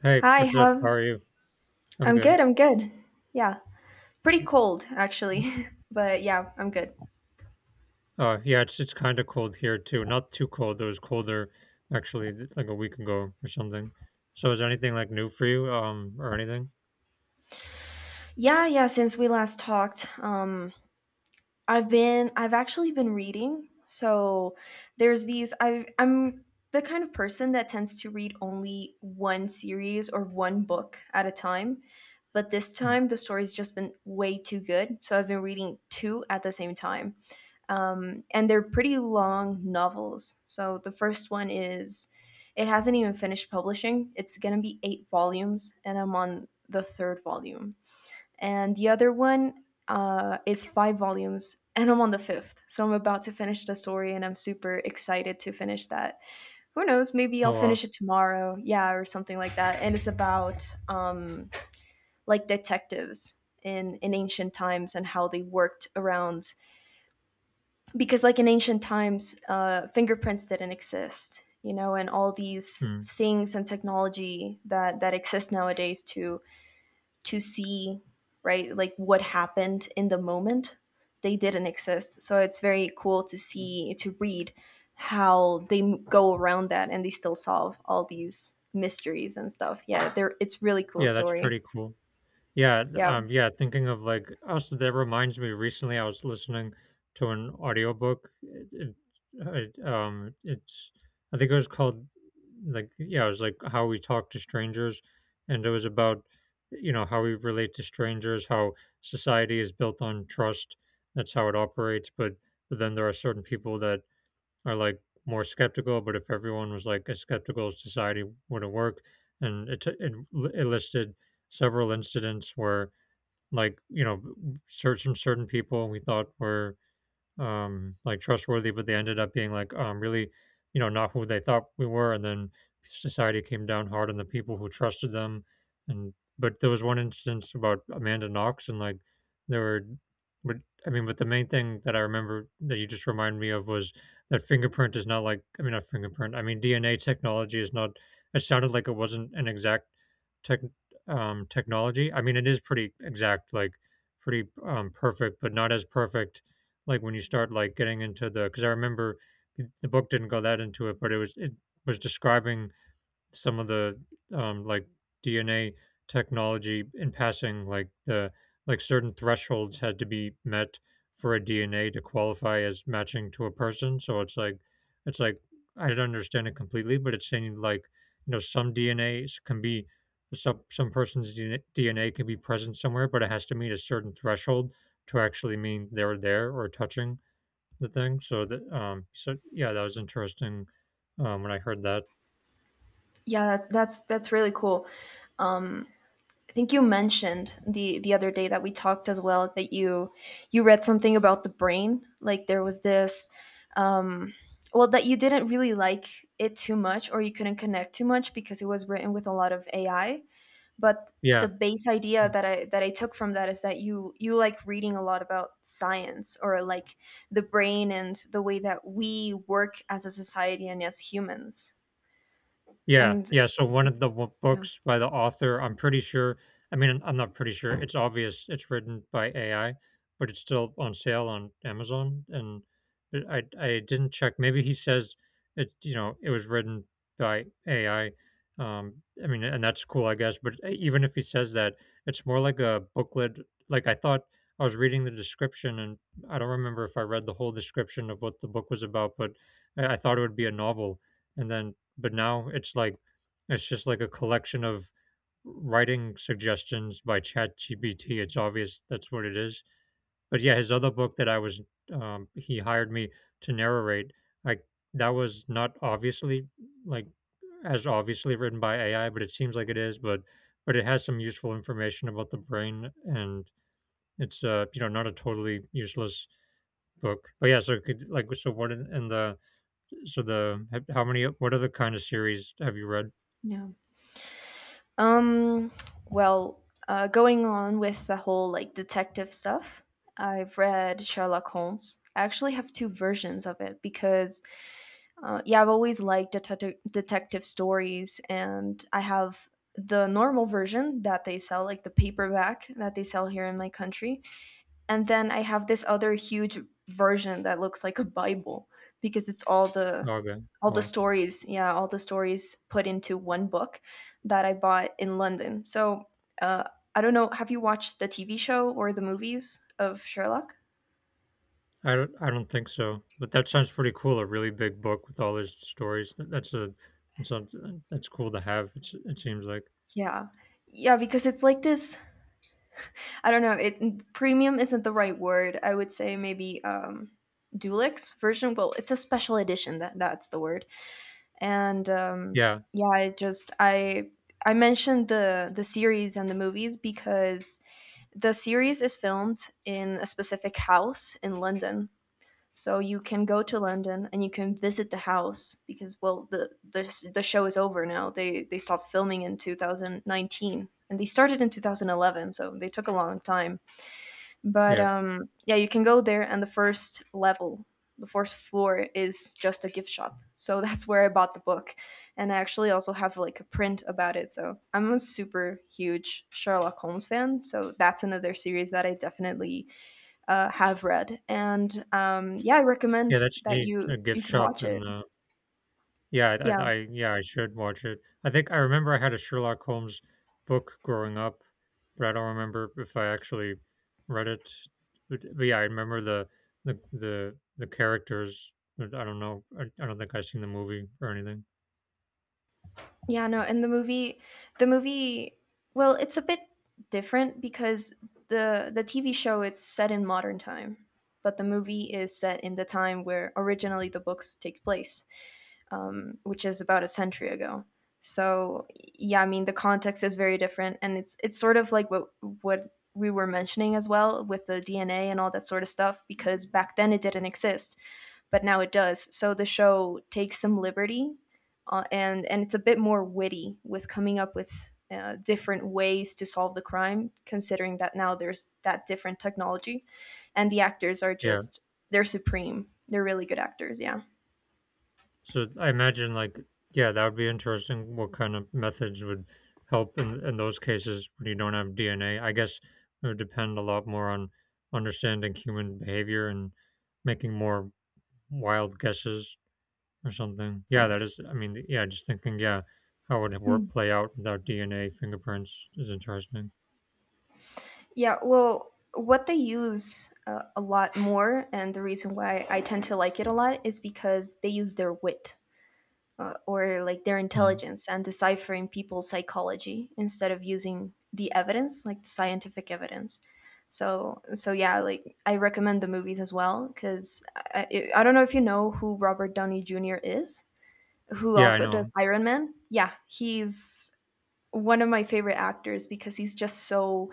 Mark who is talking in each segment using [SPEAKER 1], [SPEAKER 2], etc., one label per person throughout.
[SPEAKER 1] Hey,
[SPEAKER 2] Hi,
[SPEAKER 1] what's up? How
[SPEAKER 2] how?
[SPEAKER 1] are you? I'm
[SPEAKER 2] I'm
[SPEAKER 1] good.
[SPEAKER 2] good, I'm good. Yeah, pretty cold actually, but yeah, I'm good.
[SPEAKER 1] Yeah, it's kind of cold here too. Not too cold. It was colder actually like a week ago or something. So is there anything like new for you, or anything?
[SPEAKER 2] Yeah, yeah, since we last talked, I've actually been reading. So there's these I I'm the kind of person that tends to read only one series or one book at a time. But this
[SPEAKER 1] Mm.
[SPEAKER 2] time the story's just been way too good. So I've been reading two at the same time. And they're pretty long novels. So the first one is it hasn't even finished publishing. It's gonna be eight volumes, and I'm on the third volume and the other one is five volumes, and I'm on the fifth. So I'm about to finish the story, and I'm super excited to finish that. Who knows, maybe I'll
[SPEAKER 1] Oh wow.
[SPEAKER 2] finish it tomorrow, yeah, or something like that. And it's about like detectives in ancient times and how they worked around, because like in ancient times fingerprints didn't exist, and all these
[SPEAKER 1] Mm.
[SPEAKER 2] things and technology that exist nowadays to see, right, like what happened in the moment. They didn't exist, so it's very cool to see, to read how they go around that and they still solve all these mysteries and stuff. Yeah, they're, it's really cool
[SPEAKER 1] Yeah, that's
[SPEAKER 2] story.
[SPEAKER 1] pretty cool. Yeah,
[SPEAKER 2] Yeah,
[SPEAKER 1] yeah, thinking of like also that reminds me recently I was listening to an audiobook. It's I think it was called like yeah, it was like How We Talk to Strangers, and it was about, you know, how we relate to strangers, how society is built on trust. That's how it operates, but then there are certain people that are like more skeptical. But if everyone was like as skeptical, society wouldn't work. And it, t- it, li- it listed several incidents where, like, you know, certain some certain people we thought were like trustworthy, but they ended up being like really, you know, not who they thought we were, and then society came down hard on the people who trusted them. And but there was one instance about Amanda Knox, and like there were, but I mean, but the main thing that I remember that you just reminded me of was that fingerprint is not like I mean not fingerprint, I mean DNA technology is not, it sounded like it wasn't an exact tech technology. I mean it is pretty exact, like pretty perfect, but not as perfect, like when you start like getting into the, because I remember the book didn't go that into it, but it was describing some of the like DNA technology in passing, like the like certain thresholds had to be met for a DNA to qualify as matching to a person. So it's like I don't understand it completely, but it's saying like, you know, some DNAs can be some person's DNA can be present somewhere, but it has to meet a certain threshold to actually mean they're there or touching the thing. So that so yeah, that was interesting when I heard that.
[SPEAKER 2] yeah, that's really cool. um I think you mentioned the other day that we talked as well that you read something about the brain. Like there was this um well, that you didn't really like it too much, or you couldn't connect too much because it was written with a lot of AI. But
[SPEAKER 1] Yeah,
[SPEAKER 2] the base idea that I took from that is that you like reading a lot about science, or like the brain and the way that we work as a society and as humans. And
[SPEAKER 1] Yeah, so one of the w
[SPEAKER 2] yeah.
[SPEAKER 1] books by the author, I'm pretty sure, it's obvious it's written by AI, but it's still on sale on Amazon, and but I didn't check, maybe he says it, you know, it was written by AI, I mean, and that's cool, I guess, but e even if he says that, it's more like a booklet. Like, I thought I was reading the description, and I don't remember if I read the whole description of what the book was about, but I thought it would be a novel, and then but now it's like it's just like a collection of writing suggestions by ChatGPT. It's obvious that's what it is. But yeah, his other book that I was he hired me to narrate, like that was not obviously like as obviously written by AI, but it seems like it is. But it has some useful information about the brain, and it's you know, not a totally useless book. But yeah, so could, like so what in the so the how many what other kind of series have you read?
[SPEAKER 2] Yeah. Um, well, going on with the whole like detective stuff, I've read Sherlock Holmes. I actually have two versions of it because, yeah, I've always liked detective stories, and I have the normal version that they sell, like the paperback that they sell here in my country, and then I have this other huge version that looks like a Bible because it's
[SPEAKER 1] Okay.
[SPEAKER 2] all the
[SPEAKER 1] Well,
[SPEAKER 2] stories, yeah, all the stories put into one book that I bought in London. So uh, I don't know. Have you watched the TV show or the movies of Sherlock?
[SPEAKER 1] I don't think so. But that sounds pretty cool. A really big book with all those stories. That's a, that's something that's cool to have. It's, it seems like.
[SPEAKER 2] Yeah. Yeah, because it's like this. I don't know. It premium isn't the right word. I would say maybe Dulux version. Well, it's a special edition. That that's the word. And
[SPEAKER 1] Yeah,
[SPEAKER 2] Yeah, I just I mentioned the series and the movies because the series is filmed in a specific house in London, so you can go to London and you can visit the house because well the show is over now. They stopped filming in 2019, and they started in 2011, so they took a long time. But
[SPEAKER 1] yeah,
[SPEAKER 2] yeah, you can go there, and the first level, the first floor, is just a gift shop. So that's where I bought the book, and I actually also have like a print about it. So I'm a super huge Sherlock Holmes fan. So that's another series that I definitely have read, and yeah, I
[SPEAKER 1] yeah.
[SPEAKER 2] recommend
[SPEAKER 1] That's
[SPEAKER 2] that
[SPEAKER 1] the
[SPEAKER 2] you
[SPEAKER 1] a gift
[SPEAKER 2] you could
[SPEAKER 1] shop,
[SPEAKER 2] watch it.
[SPEAKER 1] and yeah,
[SPEAKER 2] Yeah.
[SPEAKER 1] yeah, I should watch it. I think I remember I had a Sherlock Holmes book growing up, but I don't remember if I actually read it. But yeah, I remember the characters. But I don't know. I don't think I've seen the movie or anything.
[SPEAKER 2] Yeah, no, and the movie, well, it's a bit different because the TV show it's set in modern time, but the movie is set in the time where originally the books take place, which is about a century ago. So yeah, I mean the context is very different, and it's sort of like what we were mentioning as well with the DNA and all that sort of stuff, because back then it didn't exist but now it does. So the show takes some liberty, and it's a bit more witty with coming up with different ways to solve the crime, considering that now there's that different technology, and the actors are
[SPEAKER 1] Yeah.
[SPEAKER 2] just they're supreme. They're really good actors. Yeah,
[SPEAKER 1] So I imagine, like, yeah, that would be interesting. What kind of methods would help in those cases when you don't have DNA? I guess it would depend a lot more on understanding human behavior and making more wild guesses or something. Yeah, that is. I mean, yeah, just thinking, yeah, how would work play out without DNA fingerprints is interesting.
[SPEAKER 2] yeah. Well, what they use a lot more, and the reason why I tend to like it a lot is because they use their wit, or like their
[SPEAKER 1] Mm.
[SPEAKER 2] intelligence and deciphering people's psychology instead of using the evidence, like the scientific evidence. So so yeah, like I recommend the movies as well because I don't know if you know who Robert Downey Jr. is, who
[SPEAKER 1] Yeah, I
[SPEAKER 2] also does
[SPEAKER 1] know.
[SPEAKER 2] Iron Man. Yeah, he's one of my favorite actors because he's just so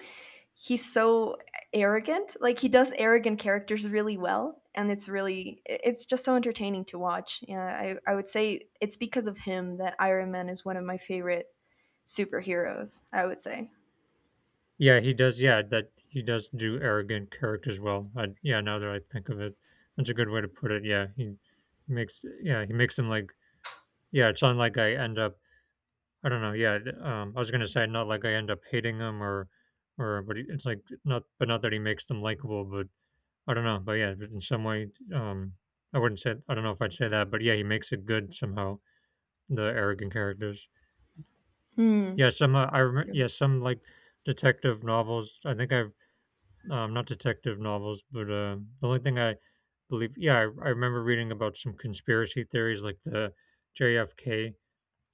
[SPEAKER 2] he's so arrogant. Like, he does arrogant characters really well, and it's really it's just so entertaining to watch. Yeah, I would say it's because of him that Iron Man is one of my favorite superheroes. I would say.
[SPEAKER 1] Yeah, he does. Yeah, that he does do arrogant characters well. Yeah, now that I think of it, that's a good way to put it. Yeah, he makes. Yeah, he makes him like. Yeah, it's not like I end up. I don't know. Yeah, I was gonna say not like I end up hating him or but it's like not, but not that he makes them likable. But I don't know. But yeah, but in some way, um, I wouldn't say. I don't know if I'd say that. But yeah, he makes it good somehow. The arrogant characters.
[SPEAKER 2] Hmm.
[SPEAKER 1] Yeah, some. I remember.
[SPEAKER 2] Yeah.
[SPEAKER 1] Yeah, some like detective novels. I think I not detective novels, but the only thing I believe, yeah, I remember reading about some conspiracy theories like the JFK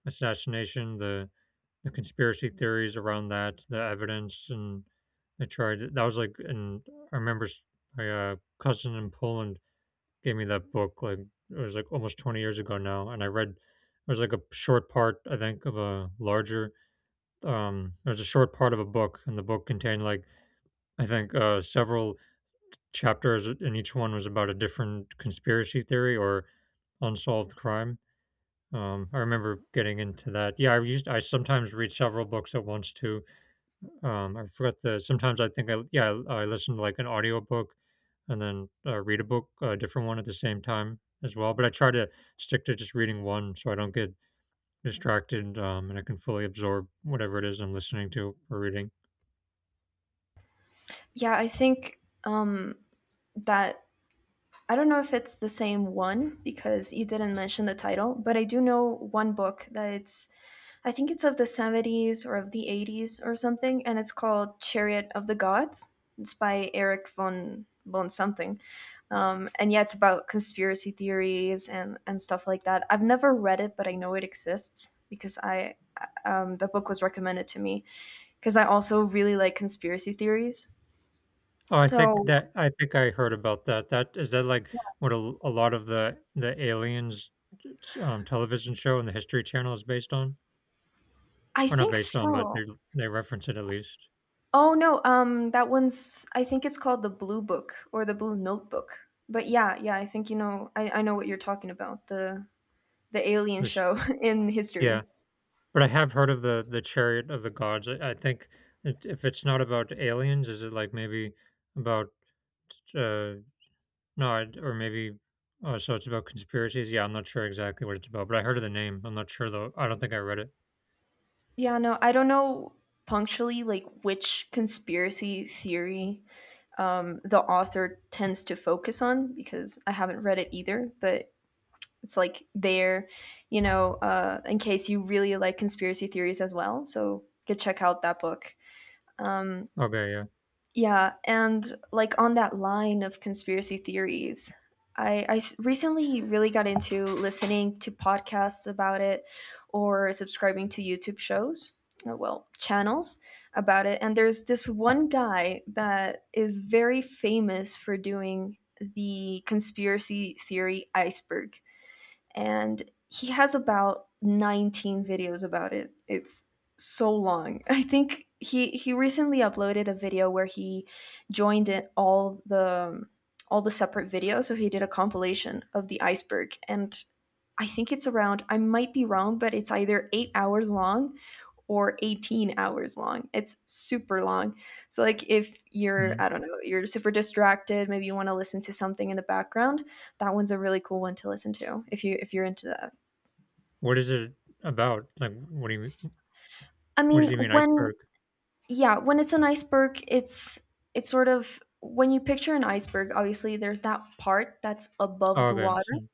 [SPEAKER 1] assassination, the conspiracy theories around that, the evidence, and I tried. That was like, and I remember s- my cousin in Poland gave me that book. Like it was like almost 20 years ago now, and I read. It was like a short part, I think, of a larger. It was a short part of a book, and the book contained like I think several chapters, and each one was about a different conspiracy theory or unsolved crime. I remember getting into that. Yeah, I sometimes read several books at once too. I forgot the sometimes I think I yeah I listen to like an audiobook and then read a book, a different one, at the same time as well. But I try to stick to just reading one so I don't get distracted, and I can fully absorb whatever it is I'm listening to or reading.
[SPEAKER 2] Yeah, I think that I don't know if it's the same one because you didn't mention the title, but I do know one book that it's I think it's of the 70s or of the 80s or something, and it's called Chariot of the Gods. It's by Eric von something, and yeah, it's about conspiracy theories and stuff like that. I've never read it, but I know it exists because I the book was recommended to me because I also really like conspiracy theories.
[SPEAKER 1] Oh,
[SPEAKER 2] So
[SPEAKER 1] I think I heard about that. That is that like what a lot of the aliens television show and the History Channel is based on,
[SPEAKER 2] I
[SPEAKER 1] or not
[SPEAKER 2] think
[SPEAKER 1] based on, but
[SPEAKER 2] so.
[SPEAKER 1] they reference it at least.
[SPEAKER 2] Oh no, that one's I think it's called the Blue Book or the Blue Notebook. But yeah, yeah, I think you know I know what you're talking about. The alien
[SPEAKER 1] The sh-
[SPEAKER 2] show in
[SPEAKER 1] yeah,
[SPEAKER 2] history.
[SPEAKER 1] but I have heard of the Chariot of the Gods. I think it, if it's not about aliens, is it like maybe about uh no, I- or maybe oh, so it's about conspiracies. Yeah, I'm not sure exactly what it's about, but I heard of the name. I'm not sure though. I don't think I read it.
[SPEAKER 2] Yeah, no, I don't know punctually like which conspiracy theory the author tends to focus on because I haven't read it either, but it's like there, you know, in case you really like conspiracy theories as well. So go check out that book. Um
[SPEAKER 1] Okay, yeah.
[SPEAKER 2] Yeah, and like on that line of conspiracy theories, recently really got into listening to podcasts about it, or subscribing to YouTube shows, or well, channels about it. And there's this one guy that is very famous for doing the conspiracy theory iceberg, and he has about 19 videos about it. It's so long. I think he recently uploaded a video where he joined in all the separate videos. So he did a compilation of the iceberg, and I think it's around I might be wrong, but it's either 8 hours long or 18 hours long. It's super long. So like if you're
[SPEAKER 1] Mhm.
[SPEAKER 2] I don't know, you're super distracted, maybe you want to listen to something in the background, that one's a really cool one to listen to if you if you're into that.
[SPEAKER 1] What is it about? Like, what do you mean?
[SPEAKER 2] I
[SPEAKER 1] What does
[SPEAKER 2] mean,
[SPEAKER 1] he mean
[SPEAKER 2] when
[SPEAKER 1] iceberg?
[SPEAKER 2] yeah, when it's an iceberg, it's sort of when you picture an iceberg, obviously there's that part that's above
[SPEAKER 1] Oh,
[SPEAKER 2] the
[SPEAKER 1] okay.
[SPEAKER 2] water.
[SPEAKER 1] So,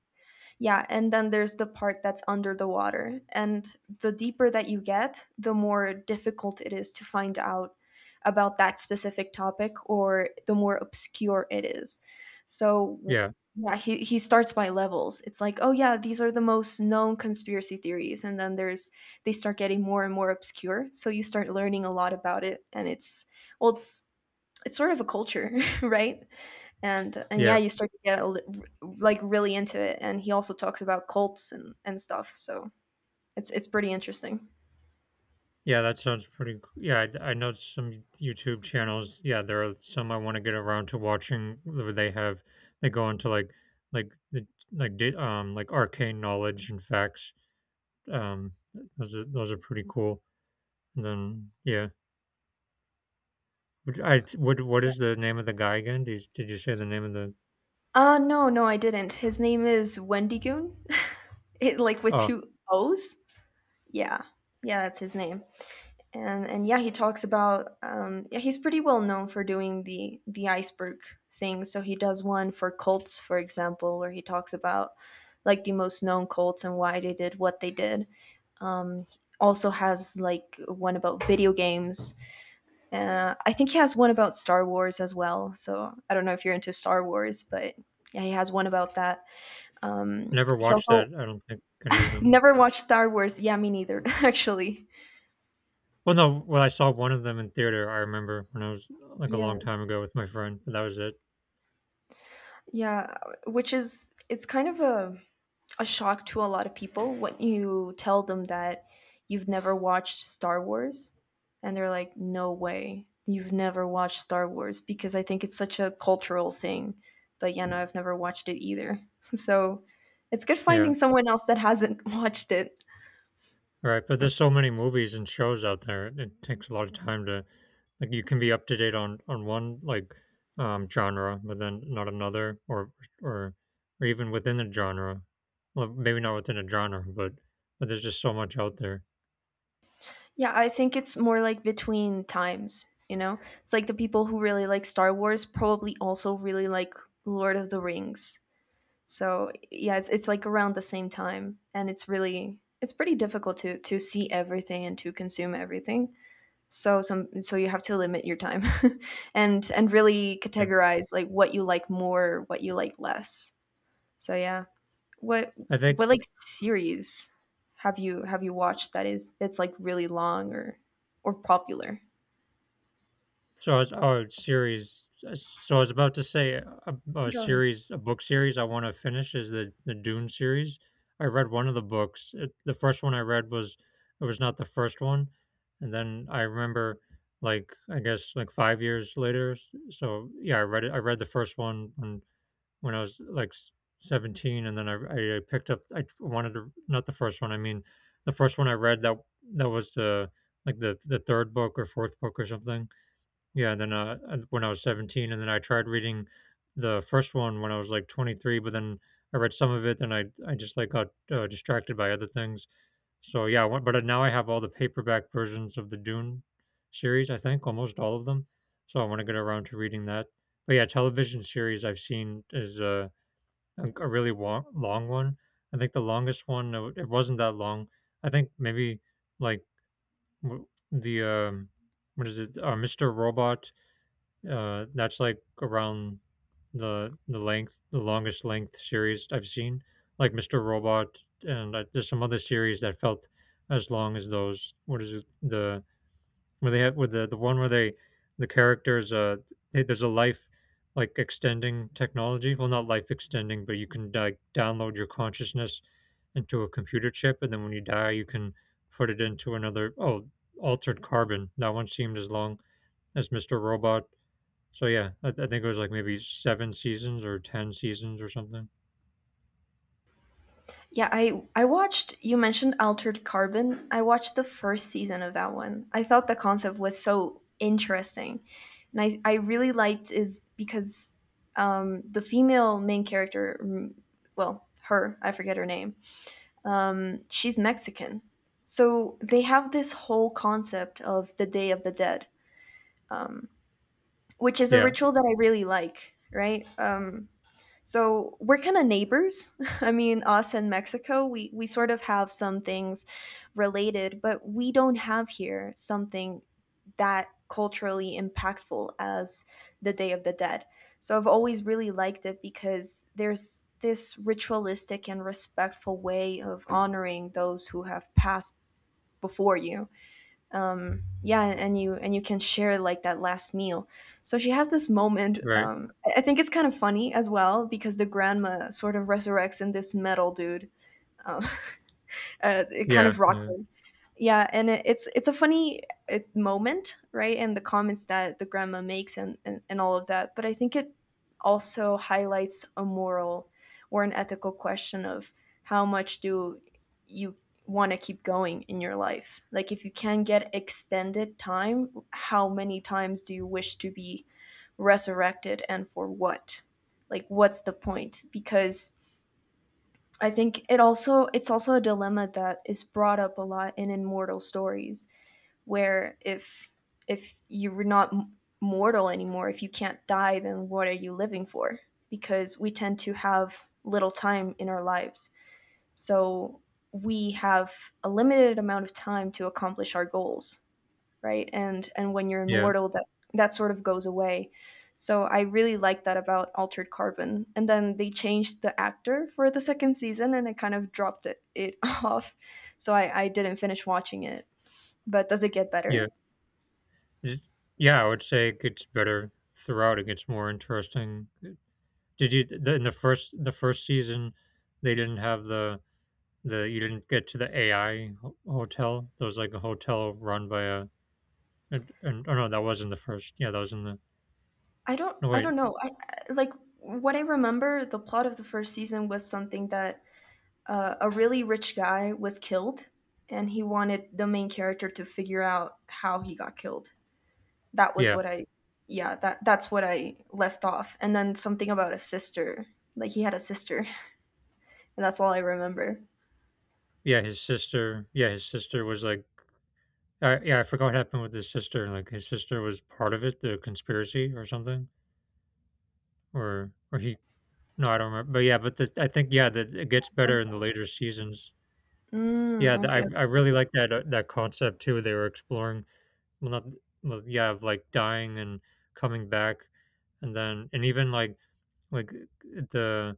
[SPEAKER 2] Yeah, and then there's the part that's under the water. And the deeper that you get, the more difficult it is to find out about that specific topic, or the more obscure it is. So, w-
[SPEAKER 1] yeah,
[SPEAKER 2] yeah, he starts by levels. It's like, oh, yeah, these are the most known conspiracy theories. And then there's, they start getting more and more obscure. So you start learning a lot about it. And it's, well, it's sort of a culture, right? And yeah,
[SPEAKER 1] yeah,
[SPEAKER 2] you start to get like really into it. And he also talks about cults and stuff. So it's pretty interesting.
[SPEAKER 1] yeah. That sounds pretty. Yeah, I know some YouTube channels. Yeah, there are some I want to get around to watching where they have they go into like like the like arcane knowledge and facts. Um, those are pretty cool. And then yeah, which I what is the name of the guy again? Did you say the name of the?
[SPEAKER 2] No, no, I didn't. His name is Wendigoon. it like with
[SPEAKER 1] Oh,
[SPEAKER 2] two O's. Yeah. Yeah, that's his name. And yeah, he talks about yeah, he's pretty well known for doing the iceberg thing. So he does one for cults, for example, where he talks about like the most known cults and why they did what they did. Um, also has like one about video games. I think he has one about Star Wars as well. So I don't know if you're into Star Wars, but yeah, he has one about that.
[SPEAKER 1] never
[SPEAKER 2] He
[SPEAKER 1] watched that.
[SPEAKER 2] also
[SPEAKER 1] I don't think any of them.
[SPEAKER 2] never watched Star Wars. Yeah, me neither, actually.
[SPEAKER 1] Well, no, when I saw one of them in theater, I remember when I was like a
[SPEAKER 2] Yeah,
[SPEAKER 1] long time ago with my friend, but that was it.
[SPEAKER 2] yeah, which is it's kind of a shock to a lot of people when you tell them that you've never watched Star Wars, and they're like, no way, you've never watched Star Wars, because I think it's such a cultural thing. But yeah, no, I've never watched it either, so it's good
[SPEAKER 1] Yeah.
[SPEAKER 2] finding someone else that hasn't watched it.
[SPEAKER 1] All right. But there's so many movies and shows out there. It takes a lot of time to, like, you can be up to date on one, like, genre, but then not another or, or even within a genre. Well, maybe not within a genre, but there's just so much out there.
[SPEAKER 2] Yeah, I think it's more like between times, you know. It's like the people who really like Star Wars probably also really like Lord of the Rings. So yeah, it's like around the same time, and it's really it's pretty difficult to see everything and to consume everything. So you have to limit your time, and really
[SPEAKER 1] Yeah.
[SPEAKER 2] categorize like what you like more, what you like less. So yeah, what
[SPEAKER 1] I think
[SPEAKER 2] what like series have you watched that is that's like really long or popular?
[SPEAKER 1] So it's oh series. So I was about to say a
[SPEAKER 2] Go ahead.
[SPEAKER 1] series, a book series I want to finish is the Dune series. I read one of the books. The first one I read was, it was not the first one, and then I remember like I guess like 5 years later. So yeah, I read it. I read the first one when I was like 17, and then I picked up. I wanted to not the first one. I mean, the first one I read that that was like the third book or fourth book or something, yeah, and then, when I was 17, and then I tried reading the first one when I was, like, 23, but then I read some of it, and I just, like, got, distracted by other things. So, yeah, I want but now I have all the paperback versions of the Dune series, I think, almost all of them, so I wanna get around to reading that. But, yeah, television series I've seen is, a really long one. I think the longest one. It wasn't that long. I think maybe, like, w the, what is it? Mr. Robot, that's like around the length, the longest length series I've seen, like Mr. Robot, and there's some other series that felt as long as those. What is it? The where they have with the one where they the characters they, there's a life like extending technology. Well, not life extending, but you can like download your consciousness into a computer chip, and then when you die, you can put it into another. Oh, altered carbon. That one seemed as long as Mr. Robot. So yeah, I think it was like maybe seven seasons or ten seasons or something.
[SPEAKER 2] Yeah, I watched you mentioned Altered Carbon. I watched the first season of that one. I thought the concept was so interesting. And I really liked is because the female main character, well, her, I forget her name. She's Mexican. So they have this whole concept of the Day of the Dead, um, which is a
[SPEAKER 1] Yeah,
[SPEAKER 2] ritual that I really like, right? So we're kind of neighbors. I mean, us and Mexico, we sort of have some things related, but we don't have here something that culturally impactful as the Day of the Dead. So I've always really liked it because there's this ritualistic and respectful way of honoring those who have passed before you. Yeah, and you can share like that last meal. So she has this moment.
[SPEAKER 1] right.
[SPEAKER 2] I think it's kind of funny as well because the grandma sort of resurrects in this metal dude, um, it kind
[SPEAKER 1] Yeah,
[SPEAKER 2] of
[SPEAKER 1] yeah,
[SPEAKER 2] rocker. Yeah, and it's it's a funny moment, right? And the comments that the grandma makes, and all of that. But I think it also highlights a moral or an ethical question of how much do you want to keep going in your life. Like if you can get extended time, how many times do you wish to be resurrected, and for what? Like what's the point? Because I think it also it's also a dilemma that is brought up a lot in immortal stories where if you're not mortal anymore, if you can't die, then what are you living for? Because we tend to have little time in our lives. So we have a limited amount of time to accomplish our goals, right? And when you're
[SPEAKER 1] yeah,
[SPEAKER 2] immortal, that that sort of goes away. So I really like that about Altered Carbon. And then they changed the actor for the second season, and I kind of dropped it off. So I didn't finish watching it. But does it get
[SPEAKER 1] yeah.
[SPEAKER 2] better?
[SPEAKER 1] It- yeah, I would say it gets better throughout. It gets more interesting. In the first season? They didn't have the you didn't get to the AI hotel. There was like a hotel run by a and oh no, that was in the first. Yeah, that was in the
[SPEAKER 2] I don't
[SPEAKER 1] no
[SPEAKER 2] I
[SPEAKER 1] wait.
[SPEAKER 2] don't know. Like what I remember, the plot of the first season was something that a really rich guy was killed, and he wanted the main character to figure out how he got killed. That was
[SPEAKER 1] Yeah,
[SPEAKER 2] what I yeah, that that's what I left off. And then something about a sister. Like he had a sister. And that's all I remember.
[SPEAKER 1] yeah. His sister. Yeah, his sister was like I I forgot what happened with his sister. Like his sister was part of it, the conspiracy or something, or he. No, I don't remember. But yeah, I think yeah, that it gets better
[SPEAKER 2] Some-
[SPEAKER 1] in the later seasons.
[SPEAKER 2] Mm,
[SPEAKER 1] Yeah, I
[SPEAKER 2] okay.
[SPEAKER 1] I really like that that concept too. They were exploring, well, not well, yeah, of like dying and coming back, and then and even like the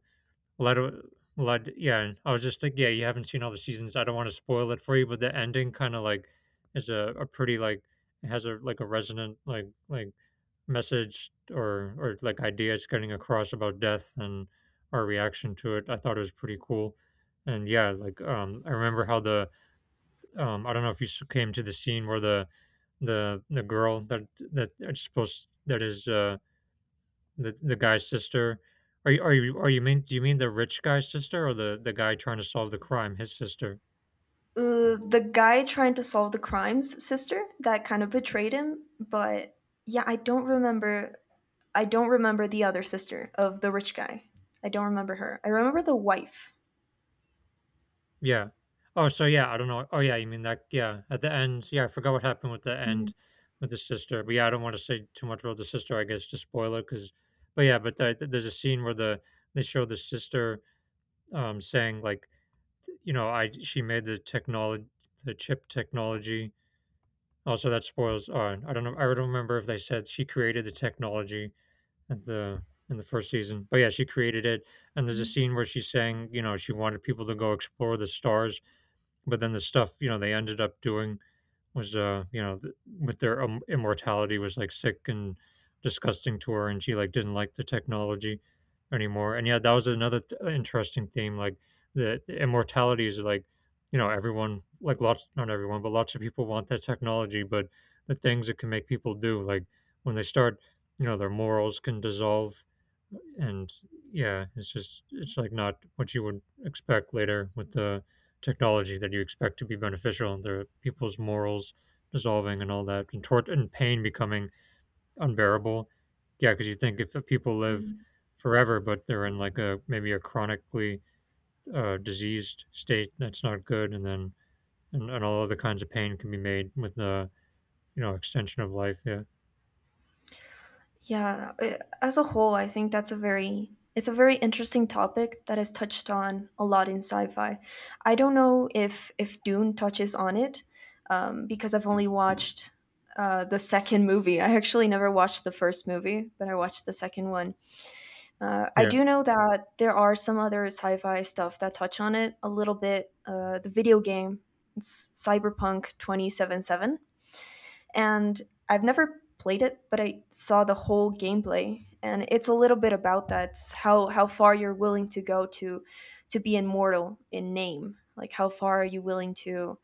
[SPEAKER 1] A lot of a lot yeah, and I was just like, yeah, you haven't seen all the seasons. I don't want to spoil it for you, but the ending kind of like is a pretty like it has a like a resonant message or like idea it's getting across about death and our reaction to it. I thought it was pretty cool. And yeah, I remember how the I don't know if you came to the scene where the girl that it's supposed that is the guy's sister. Are you are you are you mean do you mean the rich guy's sister or the guy trying to solve the crime, his sister?
[SPEAKER 2] The guy trying to solve the crimes sister that kind of betrayed him, but yeah, I don't remember the other sister of the rich guy. I don't remember her. I remember the wife.
[SPEAKER 1] Yeah. Oh, so yeah, I don't know. Oh yeah, you mean that yeah, at the end. Yeah, I forgot what happened with the end
[SPEAKER 2] Mm-hmm.
[SPEAKER 1] with the sister. But yeah, I don't want to say too much about the sister, I guess to spoil it cuz but yeah, there's a scene where the they show the sister saying like, you know, I she made the technology, the chip technology. Also that spoils I don't know I don't remember if they said she created the technology at the in the first season. But yeah, she created it, and there's a scene where she's saying, you know, she wanted people to go explore the stars, but then the stuff, you know, they ended up doing was you know with their immortality was like sick and disgusting to her, and she like didn't like the technology anymore. And yeah, that was another interesting theme, like the immortality is like, you know, everyone like lots not everyone but lots of people want that technology, but the things it can make people do, like, when they start, you know, their morals can dissolve. And yeah, it's just it's like not what you would expect later with the technology that you expect to be beneficial, and the people's morals dissolving and all that, and tort and pain becoming unbearable. Yeah, because you think if people live
[SPEAKER 2] Mm-hmm.
[SPEAKER 1] forever but they're in like a maybe a chronically diseased state that's not good, and then and all other kinds of pain can be made with the, you know, extension of life. Yeah.
[SPEAKER 2] Yeah, as a whole, I think that's a very it's a very interesting topic that is touched on a lot in sci-fi. I don't know if Dune touches on it, because I've only watched the second movie. I actually never watched the first movie, but I watched the second one. I
[SPEAKER 1] Yeah,
[SPEAKER 2] do know that there are some other sci-fi stuff that touch on it a little bit. The video game, it's Cyberpunk 2077, and I've never played it, but I saw the whole gameplay, and it's a little bit about how far you're willing to go to be immortal in name. Like how far are you willing to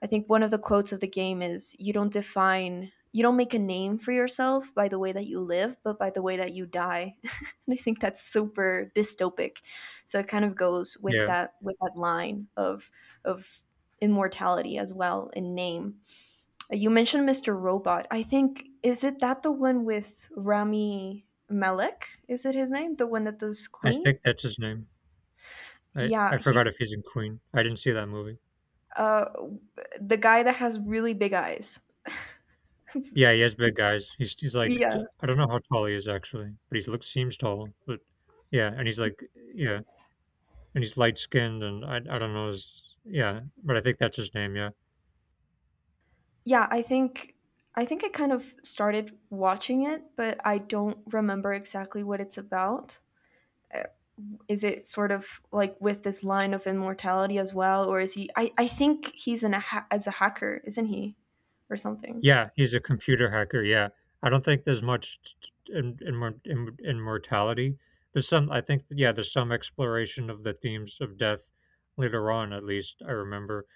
[SPEAKER 2] I think one of the quotes of the game is you don't make a name for yourself by the way that you live, but by the way that you die. And I think that's super dystopic. So it kind of goes
[SPEAKER 1] yeah,
[SPEAKER 2] with that line of immortality as well in name. You mentioned Mr. Robot. I think is it that the one with Rami Malek? Is it his name? The one that does
[SPEAKER 1] I
[SPEAKER 2] Queen?
[SPEAKER 1] think that's his name. i
[SPEAKER 2] Yeah,
[SPEAKER 1] i
[SPEAKER 2] he
[SPEAKER 1] forgot if he's in Queen. I didn't see that movie.
[SPEAKER 2] uh the guy that has really big eyes.
[SPEAKER 1] Yeah, he has big guys. He's like
[SPEAKER 2] Yeah.
[SPEAKER 1] t I don't know how tall he is actually, but he looks seems tall, but yeah, and he's like yeah, and he's light skinned, and I don't know his yeah, but I think that's his name, yeah.
[SPEAKER 2] Yeah, I think I kind of started watching it, but I don't remember exactly what it's about. Uh, Is it sort of like with this line of immortality as well, or is he? I think he's in a ha- as a hacker, isn't he, or something?
[SPEAKER 1] Yeah, he's a computer hacker, yeah. I don't think there's much t t in mor in mortality. There's some I think yeah, there's some exploration of the themes of death later on, at least I remember.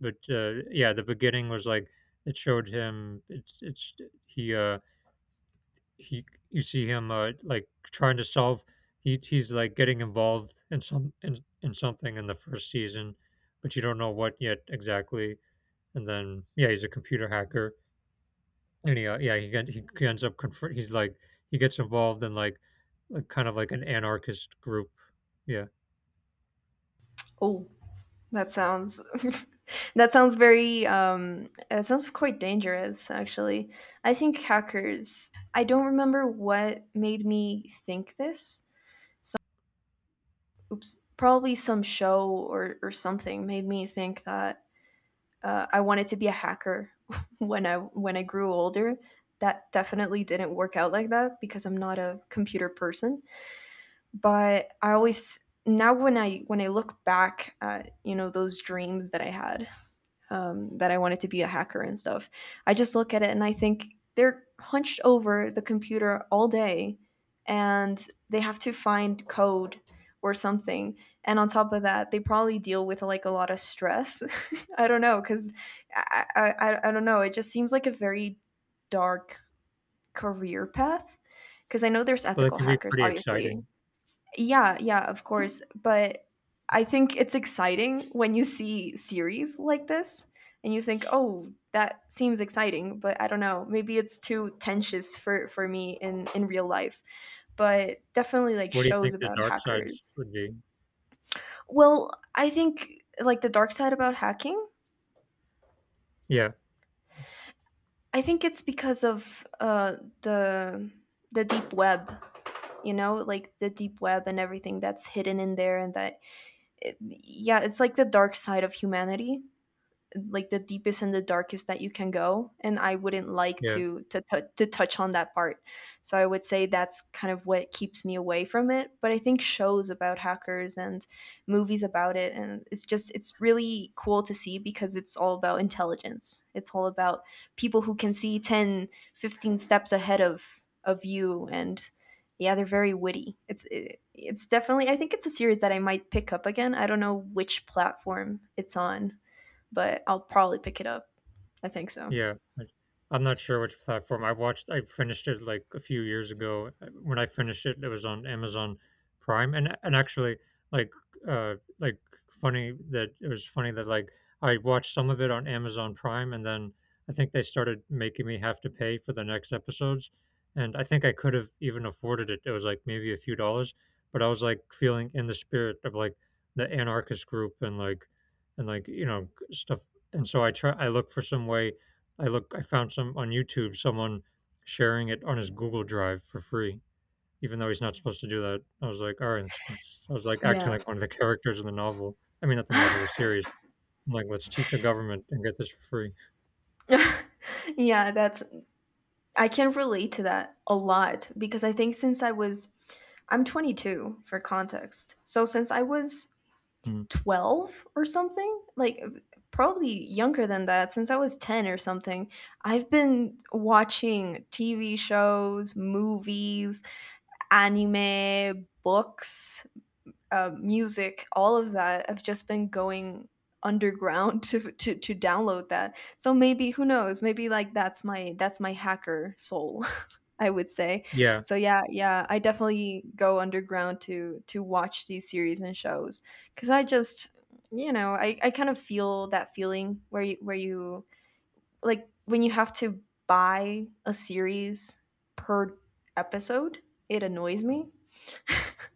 [SPEAKER 1] But, yeah, the beginning was like, it showed him it's he, uh he you see him like trying to solve he's like getting involved in some in something in the first season, but you don't know what yet exactly. And then yeah, he's a computer hacker, and he yeah he ends up confront he's like he gets involved in like kind of like an anarchist group. Yeah,
[SPEAKER 2] Oh, that sounds that sounds very it sounds quite dangerous actually. I think hackers. I don't remember what made me think this oops, probably some show or something made me think that I wanted to be a hacker when I grew older. That definitely didn't work out like that because I'm not a computer person. But I always now when I look back at you know those dreams that I had, that I wanted to be a hacker and stuff. I just look at it and I think they're hunched over the computer all day and they have to find code or something. And on top of that, they probably deal with like a lot of stress. I don't know, because I don't know. It just seems like a very dark career path. Because I know there's
[SPEAKER 1] well, that
[SPEAKER 2] ethical
[SPEAKER 1] can be
[SPEAKER 2] hackers,
[SPEAKER 1] pretty
[SPEAKER 2] obviously.
[SPEAKER 1] exciting.
[SPEAKER 2] Yeah, yeah, of course. But I think it's exciting when you see series like this and you think, "Oh, that seems exciting," but I don't know, maybe it's too tensious for me in real life. But definitely like
[SPEAKER 1] What do you
[SPEAKER 2] shows
[SPEAKER 1] think the
[SPEAKER 2] about
[SPEAKER 1] dark sides
[SPEAKER 2] hackers.
[SPEAKER 1] would be?
[SPEAKER 2] Well, I think like the dark side about hacking,
[SPEAKER 1] Yeah,
[SPEAKER 2] I think it's because of the the deep web, you know, like the deep web and everything that's hidden in there, and that it, yeah, it's like the dark side of humanity, like the deepest and the darkest that you can go. And I wouldn't like
[SPEAKER 1] yeah.
[SPEAKER 2] to to touch on that part, so I would say that's kind of what keeps me away from it. But I think shows about hackers and movies about it, and it's just it's really cool to see because it's all about intelligence, it's all about people who can see 10, 15 steps ahead of you. And yeah, they're very witty. It's definitely I think it's a series that I might pick up again. I don't know which platform it's on, but I'll probably pick it up. I think so.
[SPEAKER 1] Yeah, I I'm not sure which platform. I watched I finished it, like, a few years ago. When I finished it, it was on Amazon Prime, and actually, like, uh, like, funny that it was funny that, like, I watched some of it on Amazon Prime, and then I think they started making me have to pay for the next episodes, and I think I could have even afforded it. It was, like, maybe a few dollars, but I was, like, feeling in the spirit of, like, the anarchist group and, like, you know, stuff, and so I look for some way I found some on YouTube someone sharing it on his Google Drive for free, even though he's not supposed to do that. I was like, all right, I was like acting
[SPEAKER 2] Yeah.
[SPEAKER 1] like one of the characters in the novel. I mean, not the novel, the series. I'm like, let's cheat the government and get this for free.
[SPEAKER 2] Yeah, that's I can relate to that a lot because I'm 22 for context. So since I was
[SPEAKER 1] Mm.
[SPEAKER 2] 12 or something, like probably younger than that, since I was 10 or something, I've been watching TV shows, movies, anime, books, music, all of that, I've just been going underground to, to download that. So maybe who knows? Maybe like that's my hacker soul, I would say.
[SPEAKER 1] Yeah,
[SPEAKER 2] So yeah, yeah, I definitely go underground to watch these series and shows because I just you know I kind of feel that feeling where you like when you have to buy a series per episode. It annoys me.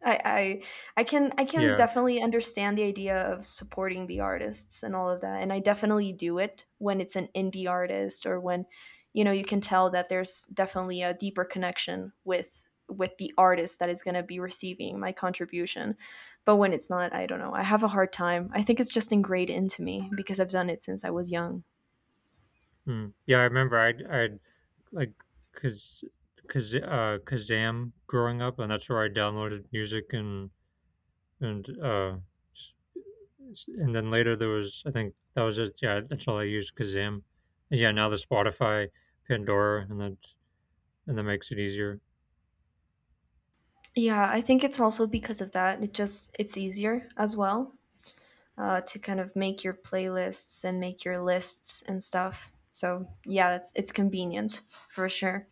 [SPEAKER 2] I, I I can
[SPEAKER 1] yeah,
[SPEAKER 2] definitely understand the idea of supporting the artists and all of that. And I definitely do it when it's an indie artist, or when, you know, you can tell that there's definitely a deeper connection with the artist that is gonna be receiving my contribution. But when it's not, I don't know. I have a hard time. I think it's just ingrained into me because I've done it since I was young.
[SPEAKER 1] mm. Yeah. I remember I like because. Because Kazam growing up, and that's where I downloaded music and and uh, and then later there was I think that was it. Yeah, that's all I used Kazam. And yeah, now the Spotify, Pandora, and that makes it easier.
[SPEAKER 2] Yeah, I think it's also because of that. It just it's easier as well to kind of make your playlists and make your lists and stuff. So yeah, that's it's convenient for sure.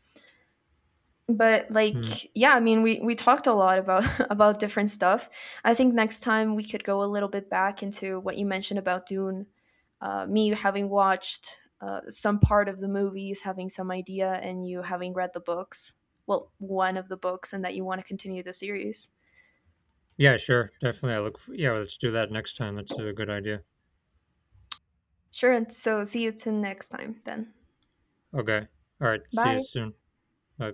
[SPEAKER 2] But like
[SPEAKER 1] Hmm.
[SPEAKER 2] yeah, I mean we talked a lot about about different stuff. I think next time we could go a little bit back into what you mentioned about Dune. Me having watched some part of the movies, having some idea, and you having read the books. Well, one of the books, and that you want to continue the series.
[SPEAKER 1] Yeah, sure, definitely. Yeah, let's do that next time. That's a good idea.
[SPEAKER 2] Sure. And so see you till next time then.
[SPEAKER 1] Okay. All right. See you
[SPEAKER 2] Bye.
[SPEAKER 1] soon. Bye.